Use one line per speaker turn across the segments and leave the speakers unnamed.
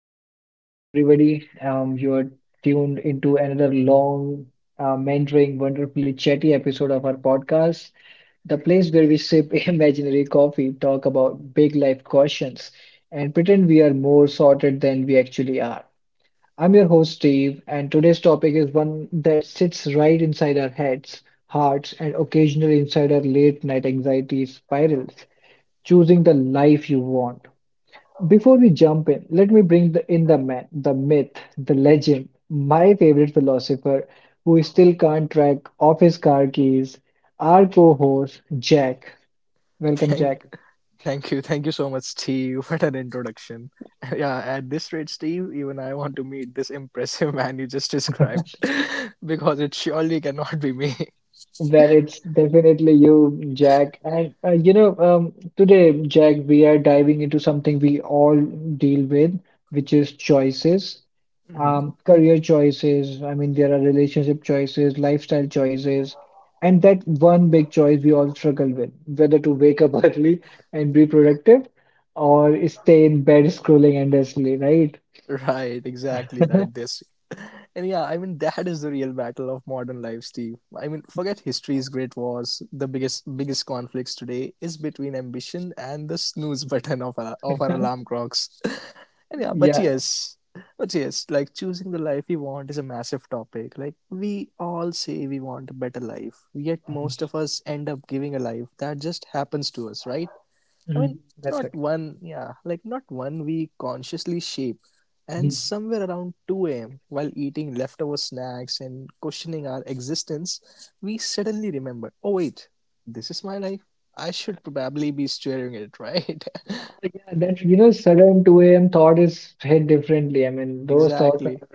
Welcome, welcome everybody. You are tuned into another long, mentoring, wonderfully chatty episode of our podcast, the place where we sip imaginary coffee, talk about big life questions, and pretend we are more sorted than we actually are. I'm your host, Steve, and today's topic is one that sits right inside our heads, hearts, and occasionally inside our late night anxiety spirals choosing the life you want. Before we jump in, let me bring in the man, the myth, the legend, my favorite philosopher who still can't track off his car keys, our co-host Jack. Welcome,
Thank,
Jack.
thank you so much, Steve. What an introduction. Yeah, at this rate, Steve, even I want to meet this impressive man you just described because it surely cannot be me.
Well, it's definitely you, Jack. And today, Jack, we are diving into something we all deal with, which is choices, um, career choices. I mean, there are relationship choices, lifestyle choices, and that one big choice we all struggle with, whether to wake up early and be productive or stay in bed scrolling endlessly, right?
Right, exactly that this. And yeah, I mean that is the real battle of modern life, Steve. I mean, forget history's great wars. The biggest conflicts today is between ambition and the snooze button of our alarm clocks. and yeah, but
Yeah.
yes. But yes, like choosing the life we want is a massive topic. Like we all say we want a better life, yet most
Mhm.
of us end up giving a life that just happens to us, right? I
Mhm.
mean,
That's
not one, yeah, like not one we consciously shape. And
okay.
somewhere around 2 a.m., while eating leftover snacks and questioning our existence, we suddenly remember oh, wait, this is my life. I should probably be steering it, right?
Oh, yeah, that sudden 2 a.m. thought is hit differently. I mean, those thoughts,
exactly,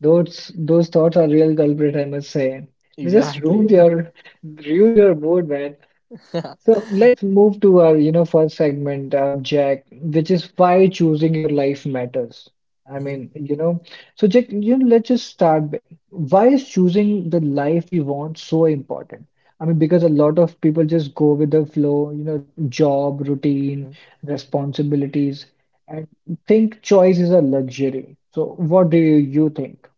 those thoughts are real culprit, I must say. They just
exactly.
ruined your mood, man. So let's move to our, you know, first segment, Jack, which is why choosing your life matters. I
Mhm,
mean, you know, so Jack, you know, let's just start big. Why is choosing the life we want so important? I mean, because a lot of people just go with the flow, you know, job, routine,
mhm.
responsibilities, and think choice is a luxury. So what do think?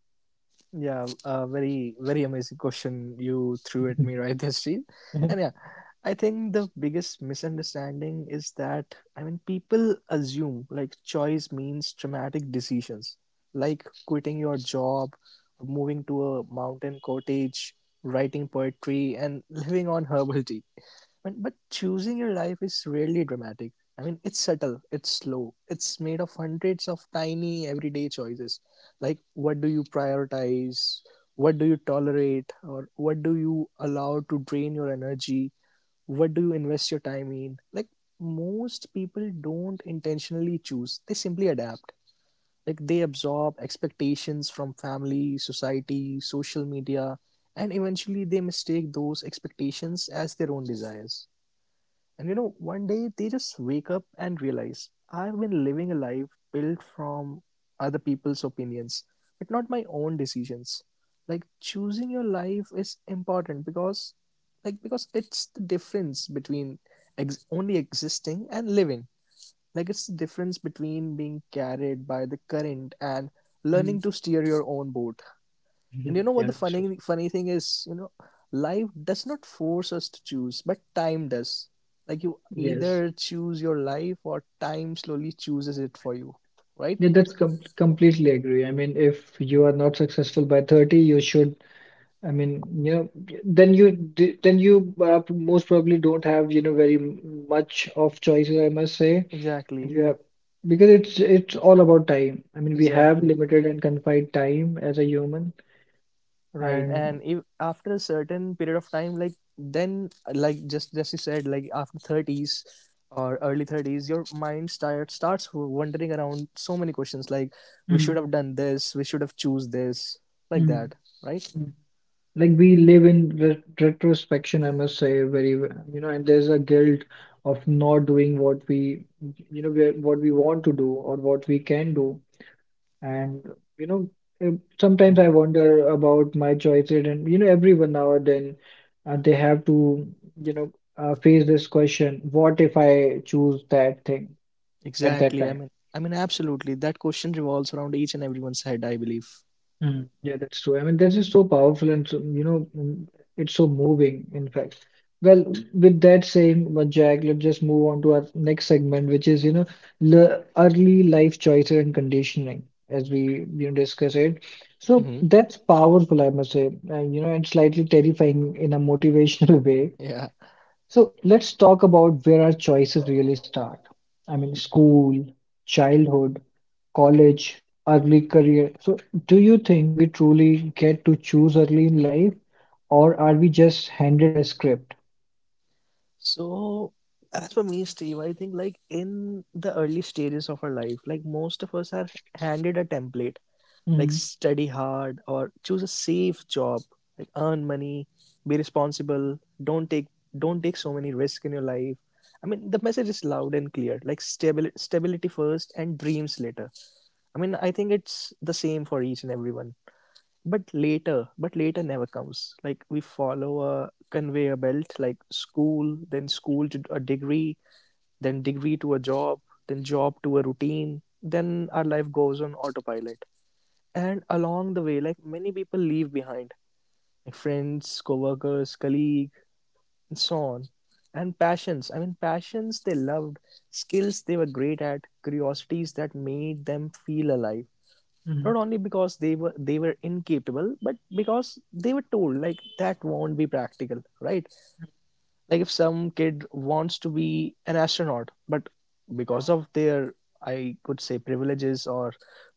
Yeah, very amazing question you threw at me right there, Steve. And yeah, I think the biggest misunderstanding is that I mean people assume like choice means traumatic decisions, like quitting your job, moving to a mountain cottage, writing poetry, and living on herbal tea. But choosing your life is rarely dramatic. I mean, it's subtle, it's slow, it's made of hundreds of tiny everyday choices. Like, what do you prioritize? What do you tolerate? Or what do you allow to drain your energy? What do you invest your time in? Like, most people don't intentionally choose, they simply adapt. Like, they absorb expectations from family, society, social media, and eventually they mistake those expectations as their own desires. And you know, one day they just wake up and realize I've been living a life built from other people's opinions, but not my own decisions. Like choosing your life is important because it's the difference between only existing and living. Like it's the difference between being carried by the current and learning
Mhm.
to steer your own boat. And you know what the
Yeah, true.
funny thing is, you know, life does not force us to choose, but time does. Like you
Yes.
either choose your life or time slowly chooses it for you, right?
Yeah, that's completely agree. I mean, if you are not successful by 30, you should, I mean, you know, then then you most probably don't have, you know, very much of choices, I must say. And you
Exactly.
have because it's all about time. I mean, we have
Exactly.
limited and confined time as a human
Right.
and
And if after a certain period of time, like then like just you said, like after thirties or early thirties, your mind starts wandering around so many questions like we should
mhm,
have done this, we should have choose this, like
mhm,
that, right?
mhm. Like we live in re retrospection, I must say, very, you know, and there's a guilt of not doing what we, you know, we- what we want to do or what we can do. And, you know, eh, sometimes I wonder about my choices and, you know, everyone now and then they have to, you know, face this question, what if I choose that thing at that
Exactly. I
time?
mean, I mean, absolutely. That question revolves around each and everyone's head, I believe.
Mm, yeah, that's true. I mean, that's just so powerful and so, it's so moving, in fact. Well, with that saying, but Jack, let's just move on to our next segment, which is, you know, the early life choices and conditioning, as we, you know, discuss it. So
Hmm
that's powerful, I must say, and, you know, and slightly terrifying in a motivational way.
Yeah.
So let's talk about where our choices really start. I mean, school, childhood college, early career. So, do you think we truly get to choose early in life, or are we just handed a script?
So, as for me, Steve, I think like in the early stages of our life, like most of us are handed a template, like
Mm,
study hard or choose a safe job, like earn money, be responsible, don't take so many risks in your life. I mean, the message is loud and clear, like stability first and dreams later. I mean, I think it's the same for each and everyone. But later never comes. Like we follow a conveyor belt, like school, then school to a degree, then degree to a job, then job to a routine, then our life goes on autopilot. And along the way, like many people leave behind like friends, co-workers, colleague, and so on, and passions. I mean passions they loved, skills they were great at, curiosities that made them feel alive, not
mm.
only because they were incapable, but because they were told like that won't be practical, right? Like if some kid wants to be an astronaut but because of their, I could say, privileges or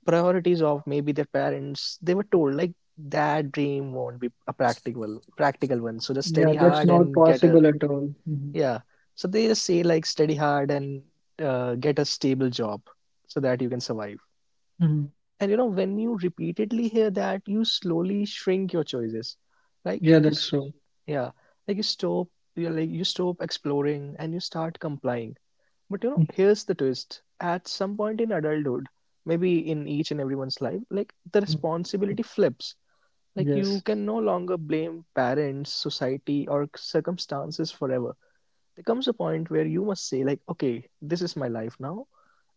priorities of maybe their parents, they were told like that dream won't be a practical one, so just
Yeah,
study
that's
hard
not
and get a
possible at all. Mhm,
yeah, so they just say like study hard and get a stable job so that you can survive.
mhm.
And you know, when you repeatedly hear that, you slowly shrink your choices.
Yeah, that's true.
Mhm. yeah, like you stop, like you stop exploring and you start complying. But you know, here's the twist: at some point in adulthood, maybe in each and everyone's life, like the
Mhm.
responsibility flips. Like you
Yes,
can no longer blame parents, society, or circumstances forever. There comes a point where you must say, like, okay, this is my life now,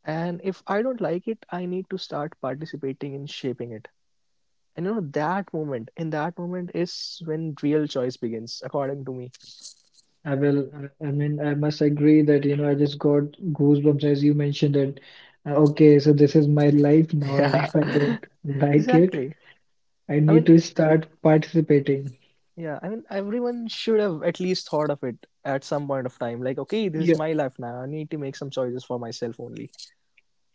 and if I don't like it, I need to start participating in shaping it. And you know, in that moment is when real choice begins, according to me.
I mean, I must agree that, you know, I just got goosebumps as you mentioned that, okay, so this is my life now, and
Yeah,
if I don't like it,
exactly.
I
I
need
mean,
to start participating.
yeah, I mean, everyone should have at least thought of it at some point of time. Like, okay, this is my life now. I need to make some choices for myself only.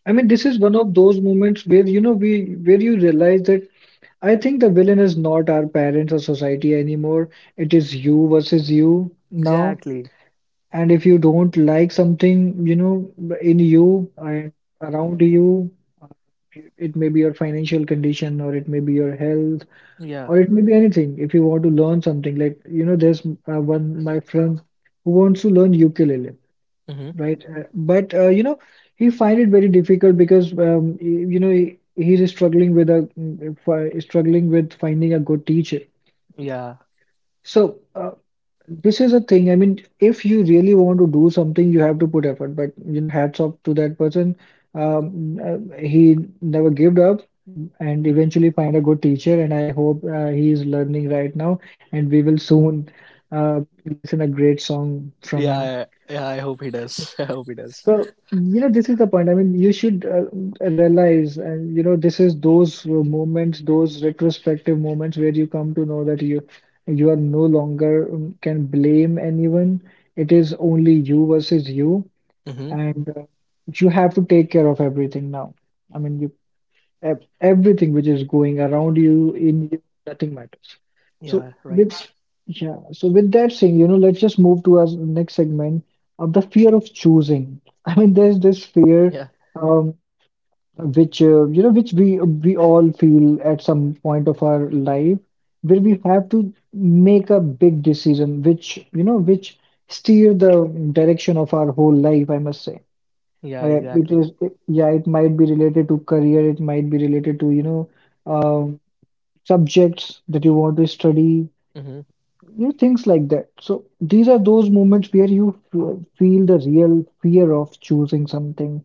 I mean, this is one of those moments where you know we where you realize that I think the villain is not our parents or society anymore. It is you versus you now.
Exactly.
And if you don't like something, you know, in you and around you, it may be your financial condition or it may be your health
Yeah.
or it may be anything. If you want to learn something, like you know, there's one my friend who wants to learn ukulele.
Mm-hmm.
Right. But you know, he find it very difficult because you know he's struggling with a struggling with finding a good teacher.
Yeah.
So this is a thing. I mean, if you really want to do something, you have to put effort. But you know, hats off to that person. He never gave up and eventually find a good teacher. And I hope he is learning right now. And we will soon listen a great song from
Yeah.
him.
I- Yeah. I hope he does. I hope he does.
So, you know, this is the point. I mean, you should realize, and you know, this is those moments, those retrospective moments where you come to know that you are no longer can blame anyone. It is only you versus you,
Mm-hmm.
and you have to take care of everything now. I mean, you everything which is going around you in you nothing matters so
Yeah.
with
Right.
yeah so with that saying you know let's just move to our next segment of the fear of choosing. I mean there's this fear
Yeah.
um, which you know which we all feel at some point of our life where we have to make a big decision which you know which steer the direction of our whole life I must say.
Yeah. Exactly.
Yeah, it might be related to career, it might be related to, you know, um, subjects that you want to study,
Mm-hmm.
you know, things like that. So these are those moments where you feel the real fear of choosing something.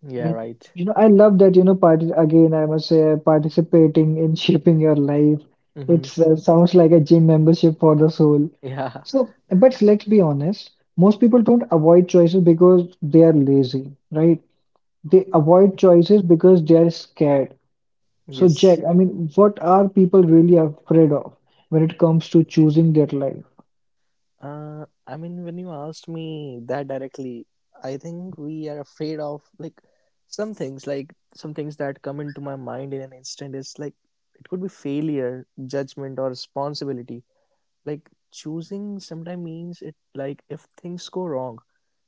Yeah.
And,
Right.
you know, I love that, you know, part again, I must say, participating in shaping your life.
Mm-hmm.
It's sounds like a gym membership for the soul.
Yeah.
So, but let's be honest, most people don't avoid choices because they are lazy, right? They avoid choices because they are scared. So, Jack,
Yes.
I mean, what are people really afraid of when it comes to choosing their life?
I mean, when you asked me that directly, I think we are afraid of like some things that come into my mind in an instant is like it could be failure, judgment, or responsibility. Like choosing sometimes means it, like if things go wrong,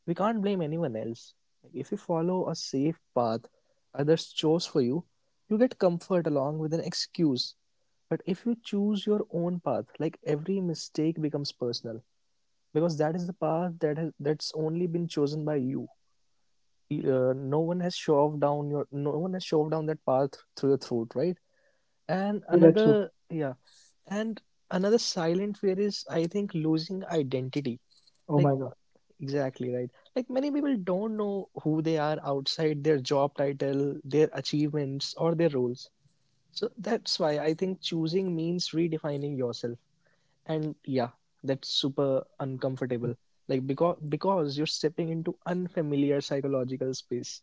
we can't blame anyone else. Like, if you follow a safe path others chose for you, you get comfort along with an excuse. But if you choose your own path, like every mistake becomes personal because that is the path that has that's only been chosen by you. No one has shoved down your No one has shoved down that path through your throat, right? And
Yeah, that's true.
another, yeah, and another silent fear is, I think, losing identity,
Oh
like
my God.
exactly right. Like many people don't know who they are outside their job title, their achievements, or their roles. So that's why I think choosing means redefining yourself, and yeah, that's super uncomfortable, like because you're stepping into unfamiliar psychological space.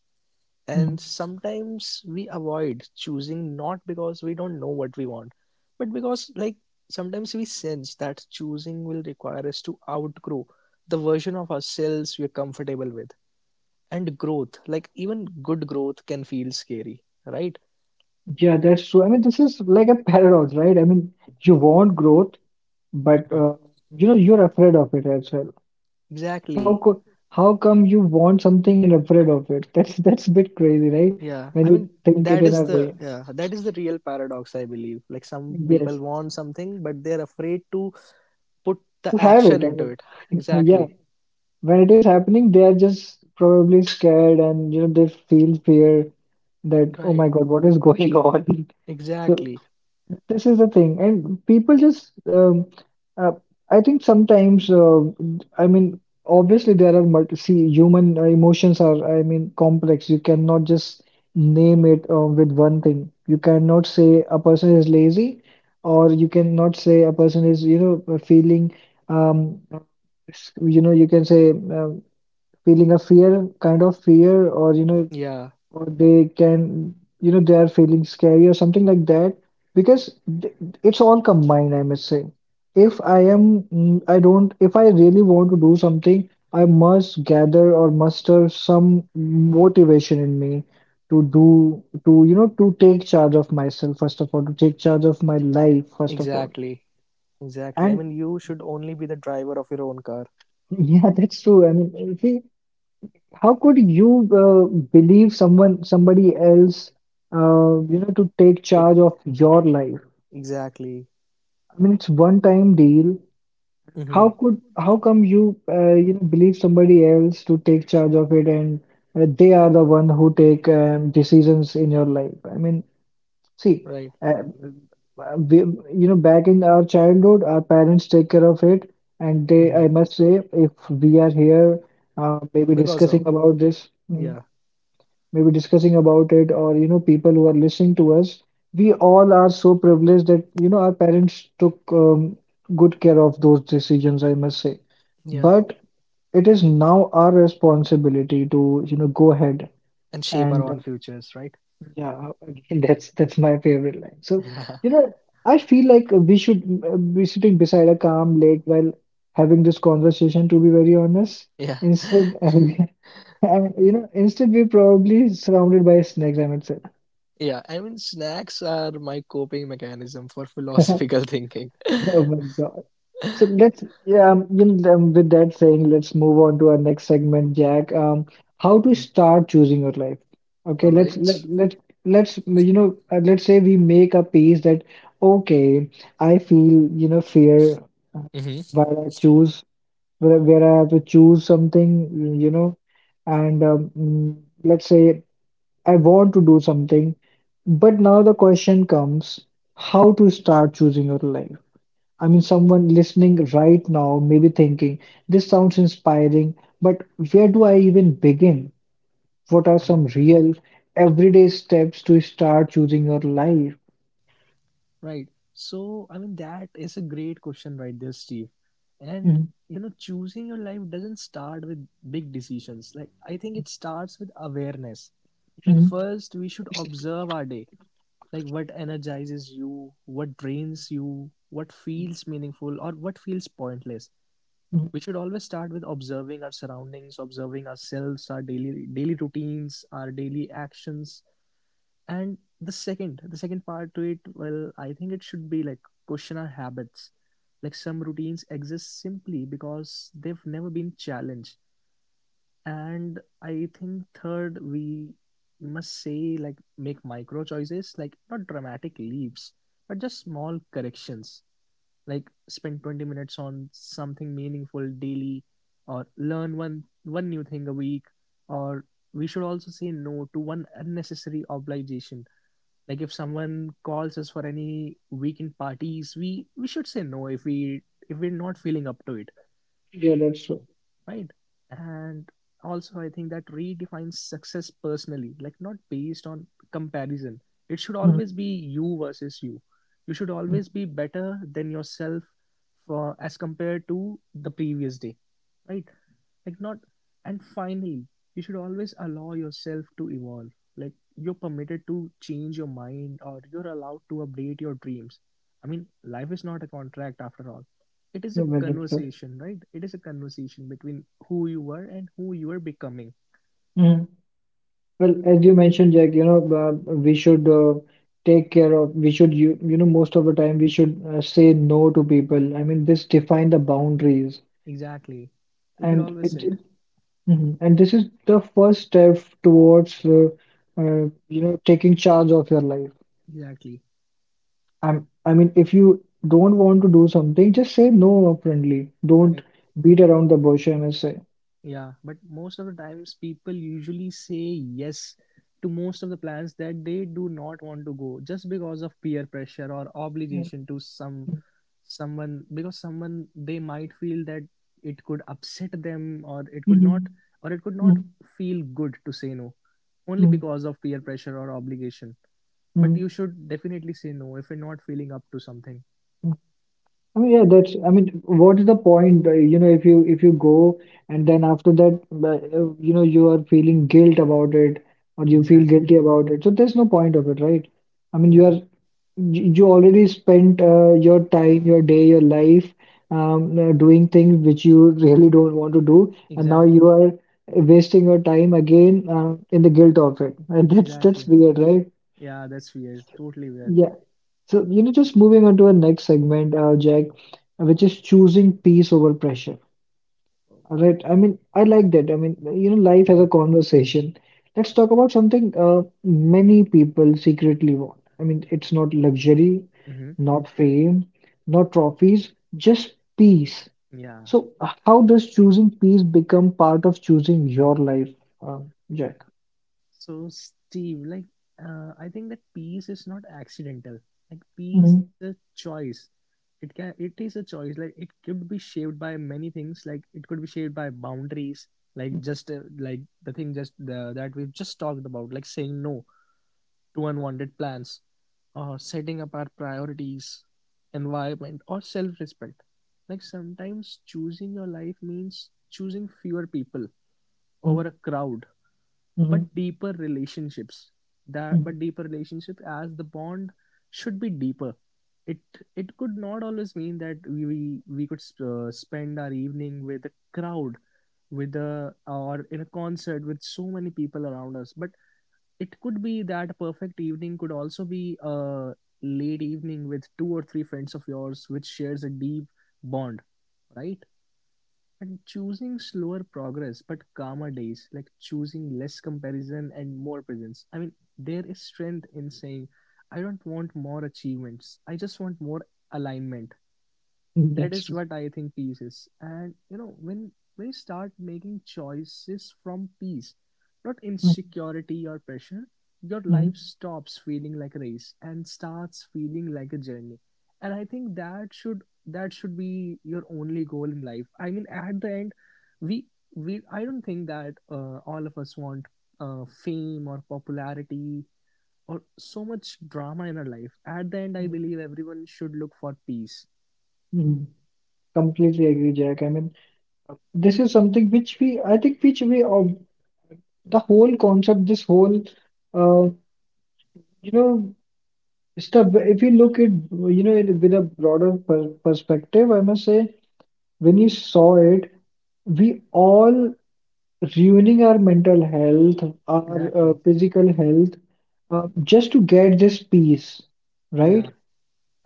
And
Mm.
sometimes we avoid choosing not because we don't know what we want, but because like sometimes we sense that choosing will require us to outgrow the version of ourselves we're comfortable with. And growth, like even good growth, can feel scary, right?
Yeah, that's true. I mean, this is like a paradox, right? I mean, you want growth, but
Mhm.
you know, you're afraid of it as well. How
exactly.
could, how come you want something and afraid of it? That's a bit crazy, right? When you think it in a way.
That is the real paradox, I believe. Like some people
Yes,
want something but they're afraid to put
to
the
have
action
it. I
into it.
mean, yeah.
Exactly.
When it is happening, they are just probably scared and you know they feel fear that oh my
Right.
God, what is going on? So
Exactly.
this is the thing, and people just uh, I think sometimes I mean obviously there are multi see human emotions are I mean complex. You cannot just name it with one thing. You cannot say a person is lazy, or you cannot say a person is you know feeling um, you know you can say feeling a fear, kind of fear, or you know,
Yeah,
or they can, you know, they are feeling scary or something like that, because th- it's all combined, I must say. If I am, mm, I don't, if I really want to do something, I must gather or muster some motivation in me to do, to, you know, to take charge of myself, first of all, to take charge of my life, first of all.
exactly. Exactly. I
And
mean you should only be the driver of your own car.
yeah, that's true. I mean, if we how could you believe someone, somebody else, you know, to take
But
charge of your life?
exactly.
I mean, it's one-time deal. How
Mm-hmm.
could, how come you, you know, believe somebody else to take charge of it, and they are the one who take decisions in your life? I mean, see,
Right.
uh, we, you know, back in our childhood, our parents take care of it, and they,
Mm-hmm.
I must say, if we are here, maybe
Because
discussing
of
about this,
yeah,
maybe discussing about it or you know people who are listening to us we all are so privileged that you know our parents took good care of those decisions I must say.
yeah.
But it is now our responsibility to you know go ahead
And shape our
and
own futures, right?
yeah again that's my favorite line so you know I feel like we should be sitting beside a calm lake while having this conversation to be very honest
Yeah.
instead. And, you know instead we're probably surrounded by snakes I must say.
Yeah. I mean snacks are my coping mechanism for philosophical thinking.
Oh my God. So let's, yeah, with that saying, let's move on to our next segment, Jack. How to start choosing your life. Okay,
All right.
let's you know, let's say we make a piece that okay, I feel you know fear
Mm-hmm.
while I choose where I have to choose something, you know, and let's say I want to do something, but now the question comes, how to start choosing your life? I mean, someone listening right now may be thinking, this sounds inspiring, but where do I even begin? What are some real,
Exactly.
everyday steps to start choosing your life?
Right. So, I mean, that is a great question right there, Steve. And,
Mhm,
you know, choosing your life doesn't start with big decisions. Like, I think it starts with awareness. Like,
mhm,
first, we should observe our day. Like, what energizes you, what drains you, what feels meaningful, or what feels pointless.
mhm.
We should always start with observing our surroundings, observing ourselves, our daily routines, our daily actions, and the second part to it, well I think it should be like question our habits. Like some routines exist simply because they've never been challenged. And I think third, we must say like make micro choices, like not dramatic leaps but just small corrections, like spend 20 minutes on something meaningful daily, or learn one new thing a week, or we should also say no to one unnecessary obligation. Like if someone calls us for any weekend parties, we should say no if we're not feeling up to it,
Yeah, that's true.
right? And also I think that redefines success personally, like not based on comparison. It should
Mhm,
always be you versus you. You should
mhm.
always be better than yourself for as compared to the previous day, right? Like not, and finally, you should always allow yourself to evolve. Like you're permitted to change your mind, or you're allowed to update your dreams. I mean, life is not a contract after all. It is
Yeah,
a
well, that's true.
conversation, right? It is a conversation between who you were and who you are becoming.
Mhm. Well, as you mentioned, Jack, we should take care of, we should, most of the time we should say no to people. I mean, this define the boundaries.
Exactly we should
And
always sit
it, Mhm. And this is the first step towards, taking charge of your life.
exactly
I mean, if you don't want to do something, just say no upfrontly. Don't
right.
beat around the bush, I must say.
Yeah, but most of the times people usually say yes to most of the plans that they do not want to go just because of peer pressure or
Mm.
obligation to some someone, because someone they might feel that it could upset them, or it could not,
Hmm.
or it could not
Hmm.
feel good to say no, only
Hmm.
because of peer pressure or obligation. But
Mm,
you should definitely say no if you're not feeling up to something.
mm. I mean, yeah, that's, I mean, what is the point, if you go and then after that, you are feeling guilt about it or you feel
Exactly.
guilty about it. So there's no point of it, right? I mean, you are
Yeah,
you you already spent your time, your day, your life doing things which you really don't want to do, and now
exactly.
you are wasting your time again in the guilt of it. And that's
Exactly.
weird, right?
Yeah, that's weird. Totally weird.
Yeah. So, just moving on to our next segment, Jack, which is choosing peace over pressure. Right. I mean, I like that. I mean, life as
Mhm.
a conversation. Let's talk about something many people secretly want. I mean, it's not luxury,
Mm-hmm.
not fame, not trophies, just peace.
Yeah.
So, how does choosing peace become part of choosing your life, uh, Jack?
So, Steve, like, I think that peace is not accidental. Like, peace is
Mm-hmm.
a choice. It is a choice. Like, it could be shaped by many things. Like, it could be shaped by boundaries. Like, just like the thing just the, that we've just talked about. Like, saying no to unwanted plans, or setting up our priorities, environment, or self-respect. Like, sometimes choosing your life means choosing fewer people over a crowd, but
Hmm,
deeper relationships that
hmm.
but deeper relationship, as the bond should be deeper. It it could not always mean that we could spend our evening with a crowd, with a or in a concert with so many people around us, but it could be that perfect evening could also be a late evening with two or three friends of yours, which shares a deep bond, right? And choosing slower progress but calmer days, like choosing less comparison and more presence. I mean, there is strength in saying, I don't want more achievements, I just want more alignment. That
That's
is
true.
what I think peace is. And when you start making choices from peace, not insecurity or pressure, your life stops feeling like a race and starts feeling like a journey. And I think that should be your only goal in life. I mean, at the end, we we I don't think that all of us want fame or popularity or so much drama in our life. At the end, I believe everyone should look for peace.
Mhm. Completely agree, Jack. I mean, this is something which we, I think, which we all the whole concept, this whole, uh, you know, stuff, if you look at, it with a broader perspective, I must say, when you saw it, we all ruining our mental health, our
Exactly.
physical health, just to get this peace,
Yeah,
right?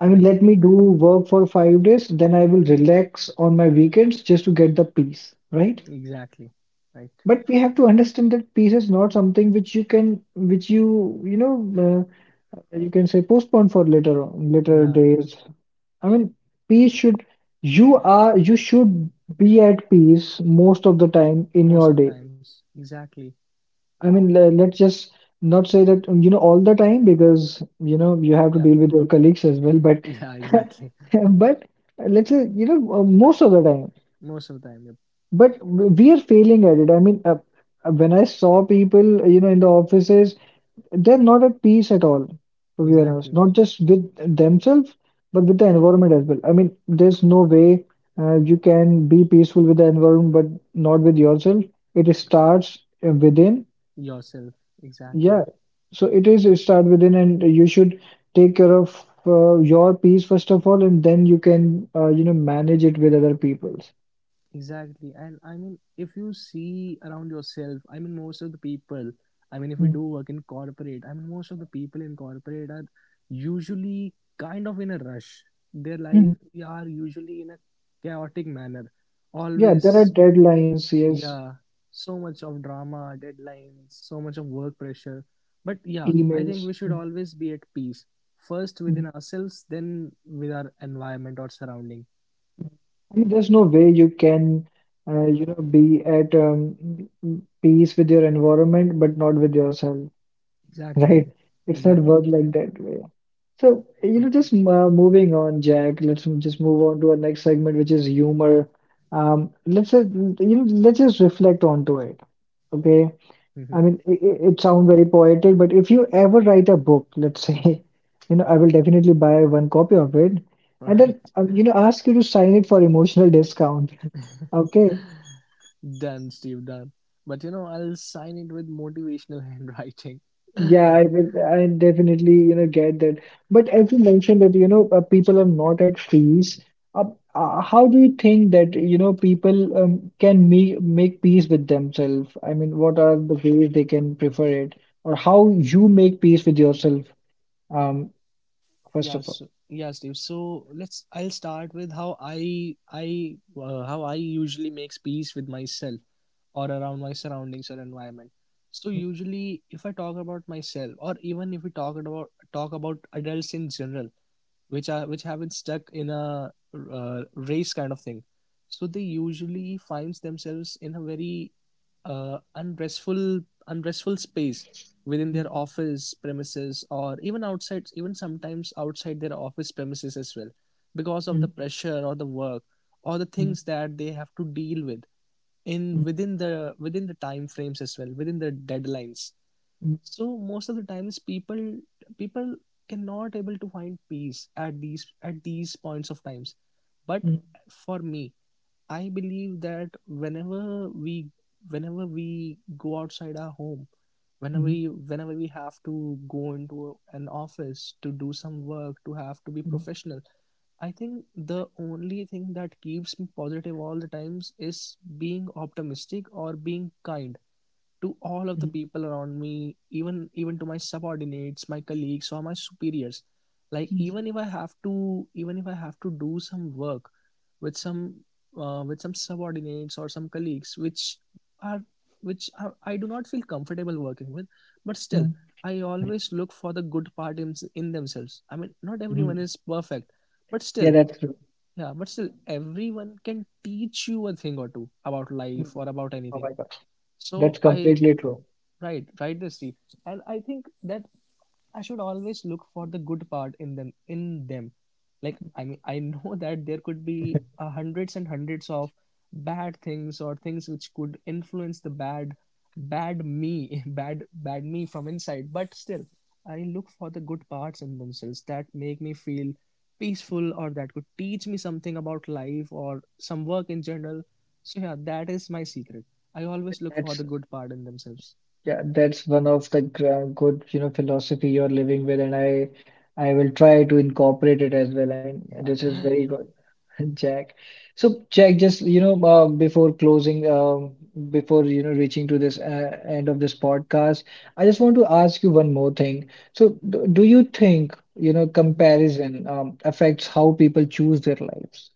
I mean, let me do work for 5 days, then I will relax on my weekends just to get the peace, right?
Exactly. Right.
But we have to understand that peace is not something which you can, which you, you can say postpone for later on, later
Yeah,
days. I mean, peace should, you should be at peace most of the time in
most of
your
the
day.
times. Exactly.
I mean, let's just not say that, all the time because, you
Yeah,
have to deal with your colleagues as well. But,
yeah, exactly.
but let's say, most of the time.
Most of the time. Yep.
But we are failing at it. I mean, when I saw people, in the offices, they're not at peace at all, to be
Exactly.
honest. Not just with themselves, but with the environment as well. I mean, there's no way you can be peaceful with the environment, but not with yourself. It starts within.
Yourself. Exactly.
Yeah. So it start within, and you should take care of your peace first of all, and then you can, manage it with other people's.
Exactly. And I mean, if you see around yourself, I mean, most of the people, I mean, if we do
Mm.
work in corporate, I mean, most of the people in corporate are usually kind of in a rush. Their life are usually in a chaotic manner.
Yeah, there
Always.
are deadlines, yes,
Yeah, so much of drama, deadlines, so much of work pressure. But yeah, I think we
emails.
should
Mm,
always be at peace. First within
mm.
ourselves, then with our environment or surrounding.
I mean, there's no way you can, be at peace with your environment, but not with yourself,
Exactly.
right? It's not
Exactly.
work like that way. So,
Okay.
just moving on, Jack. Let's just move on to our next segment, which is humor. Let's just reflect onto it. Okay,
Mm-hmm.
I mean, it sounds very poetic, but if you ever write a book, let's say, I will definitely buy one copy of it and then,
Right.
ask you to sign it for emotional discount. Okay.
Done, Steve, done. But you know, I'll sign it with motivational handwriting.
Yeah, I will, I definitely, get that. But as you mentioned that, people are not at peace. Uh, how do you think that, people can make peace with themselves? I mean, what are the ways they can prefer it? Or how you make peace with yourself, um,
Yeah,
first of
so,
all?
yeah, Steve. So let's. I'll start with how how I usually makes peace with myself or around my surroundings or environment. So usually, if I talk about myself, or even if we talk about adults in general, which have been stuck in a race kind of thing, so they usually finds themselves in a very uh, unrestful unrestful space within their office premises, or even sometimes outside their office premises as well, because of the pressure or the work or the things that they have to deal with in within the time frames as well, within the deadlines. So most of the times, people cannot able to find peace at these points of times. But for me, I believe that whenever we go outside our home, whenever we have to go into an office to do some work, to have to be professional, I think the only thing that keeps me positive all the times is being optimistic or being kind to all of the people around me, even to my subordinates, my colleagues, or my superiors. Like, even if I have to, do some work with some with some subordinates or some colleagues are which I do not feel comfortable working with, but still I always look for the good part in themselves. I mean, not everyone is perfect, but still.
Yeah, that's true.
Yeah, but still, everyone can teach you a thing or two about life or
Hmm.
about anything.
Oh my gosh,
So
that's
I
completely true.
right, right, this deep. And I think that I should always look for the good part in them. Like, I mean, I know that there could be hundreds and hundreds of bad things, or things which could influence the bad bad me, bad bad me from inside, but still I look for the good parts in themselves that make me feel peaceful, or that could teach me something about life or some work in general. So yeah, that is my secret. I always look for the
That's
good part in themselves.
Yeah, that's one of the good, philosophy you're living with, and I will try to incorporate it as well. I mean, this is very good, Jack. So, Jack, just before closing, before reaching to this end of this podcast, I just want to ask you one more thing. So, do you think
Mm-hmm.
comparison affects how people choose their lives?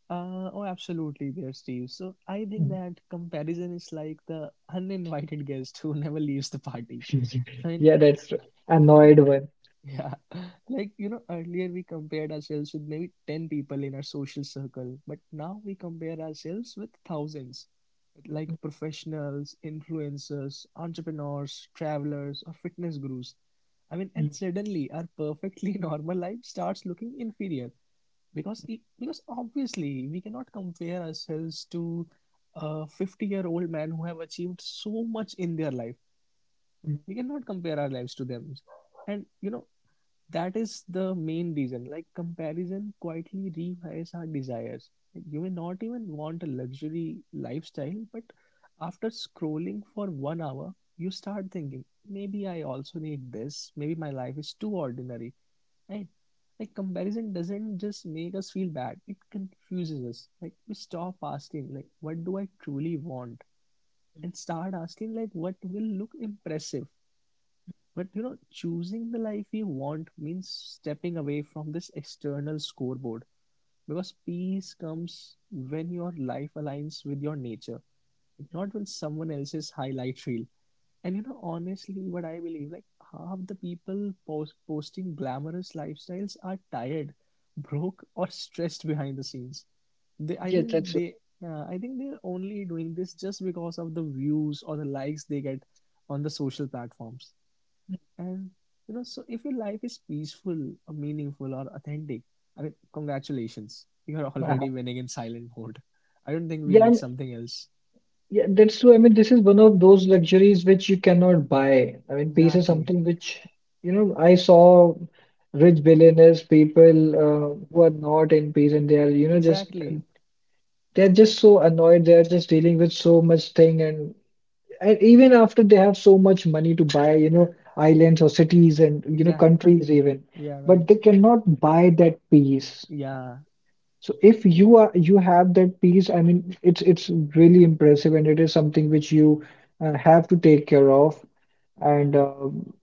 Oh, absolutely, there, Steve. So I think
Mm.
that comparison is like the uninvited guest who never leaves the party. I mean,
Yeah, that's true.
I,
Annoyed one.
yeah, like, earlier we compared ourselves with maybe 10 people in our social circle, but now we compare ourselves with thousands, like professionals, influencers, entrepreneurs, travelers, or fitness gurus. I mean, and
Mm,
suddenly our perfectly normal life starts looking inferior, because obviously we cannot compare ourselves to a 50-year-old man who have achieved so much in their life.
mm.
We cannot compare our lives to them. And that is the main reason, like, comparison quietly rewires our desires. You may not even want a luxury lifestyle, but after scrolling for one hour, you start thinking, maybe I also need this, maybe my life is too ordinary. Right? Like, comparison doesn't just make us feel bad, it confuses us. Like, we stop asking, like, what do I truly want? And start asking, like, what will look impressive. But choosing the life you want means stepping away from this external scoreboard. Because peace comes when your life aligns with your nature, not when someone else's highlight reel. And honestly, what I believe, like, half the people posting glamorous lifestyles are tired, broke, or stressed behind the scenes. They, I
Yeah,
think
that's.
they, I think they're only doing this just because of the views or the likes they get on the social platforms. And so if your life is peaceful, or meaningful, or authentic, I mean, congratulations, you are already
Yeah,
winning in silent mode. I don't think we need
and
something else.
Yeah, that's true. I mean, this is one of those luxuries which you cannot buy. I mean, peace is
Exactly.
something which, I saw rich billionaires, people who are not in peace and they are, just,
Exactly.
they're just so annoyed. They're just dealing with so much thing. And, even after they have so much money to buy, islands or cities and,
Exact.
countries even,
Yeah. Right.
but they cannot buy that peace.
Yeah,
So if you have that piece, I mean, it's really impressive, and it is something which you have to take care of. And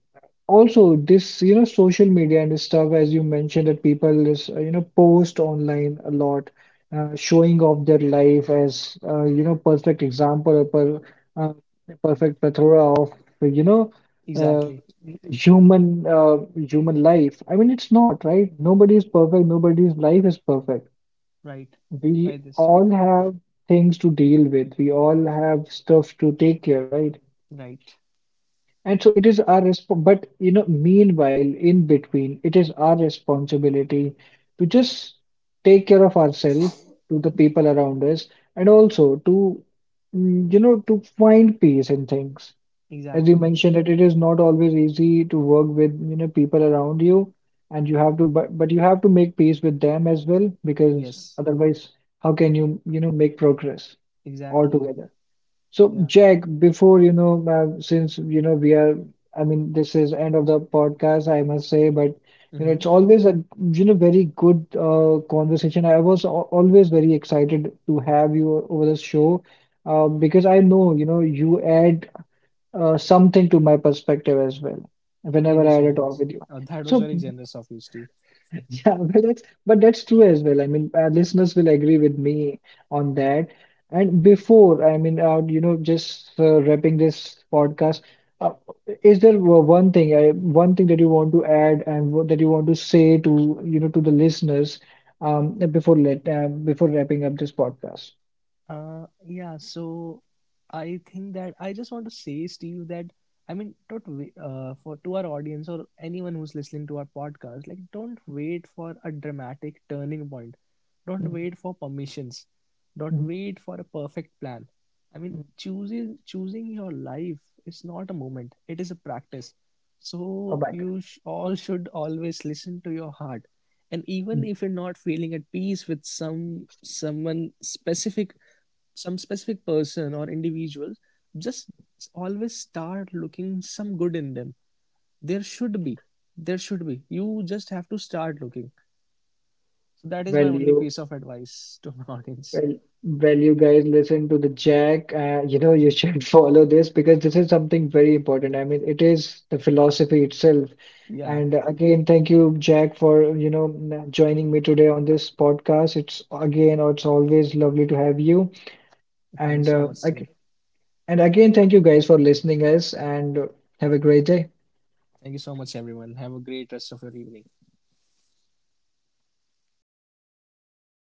also this, social media and stuff, as you mentioned, that people is post online a lot, showing off their life as perfect example, uh, a perfect plethora of you know uh,
exactly.
human life. I mean, it's not right. Nobody is perfect. Nobody's life is perfect.
Right. By
We
this.
all have things to deal with. We all have stuff to take care, right?
Right.
And so it is our resp but meanwhile, in between, it is our responsibility to just take care of ourselves, to the people around us, and also to, to find peace in things
Exactly.
as you mentioned that it is not always easy to work with people around you and you have to but you have to make peace with them as well because
Yes.
otherwise how can you you know make progress
Exactly.
altogether. So
Yeah.
Jack, before since we are, I mean, this is end of the podcast I must say, but
Mm-hmm.
it's always a very good conversation. I was always very excited to have you over the show, because I know you add something to my perspective as well
Thank you
whenever I
so
had a
much.
talk with you.
That was very
So
generous of you, Steve.
yeah, but that's true as well. I mean, our listeners will agree with me on that. And before, I mean, just wrapping this podcast, uh, is there one thing, one thing that you want to add and what, that you want to say to, to the listeners, before wrapping up this podcast?
Yeah, so I think that I just want to say, Steve, that, I mean, don't wait, for to our audience or anyone who's listening to our podcast, like, don't wait for a dramatic turning point. Don't wait
Mhm,
for permissions. Don't
mhm,
wait for a perfect plan. I mean,
mhm.
choosing your life is not a moment; it is a practice. So
Oh my
you
God.
all should always listen to your heart. And even
Mhm.
if you're not feeling at peace with someone specific, some specific person or individual, just always start looking some good in them. There should be there should be You just have to start looking. So that is my
Well,
only piece
you
of advice to my audience.
well, well, you guys listen to the Jack. You should follow this because this is something very important. I mean, it is the philosophy itself.
Yeah,
And again, thank you, Jack, for joining me today on this podcast. It's always lovely to have you.
thank you so
And
much, Steve.
and again, thank you guys for listening us, and have a great day.
Thank you so much, everyone. Have a great rest of your evening.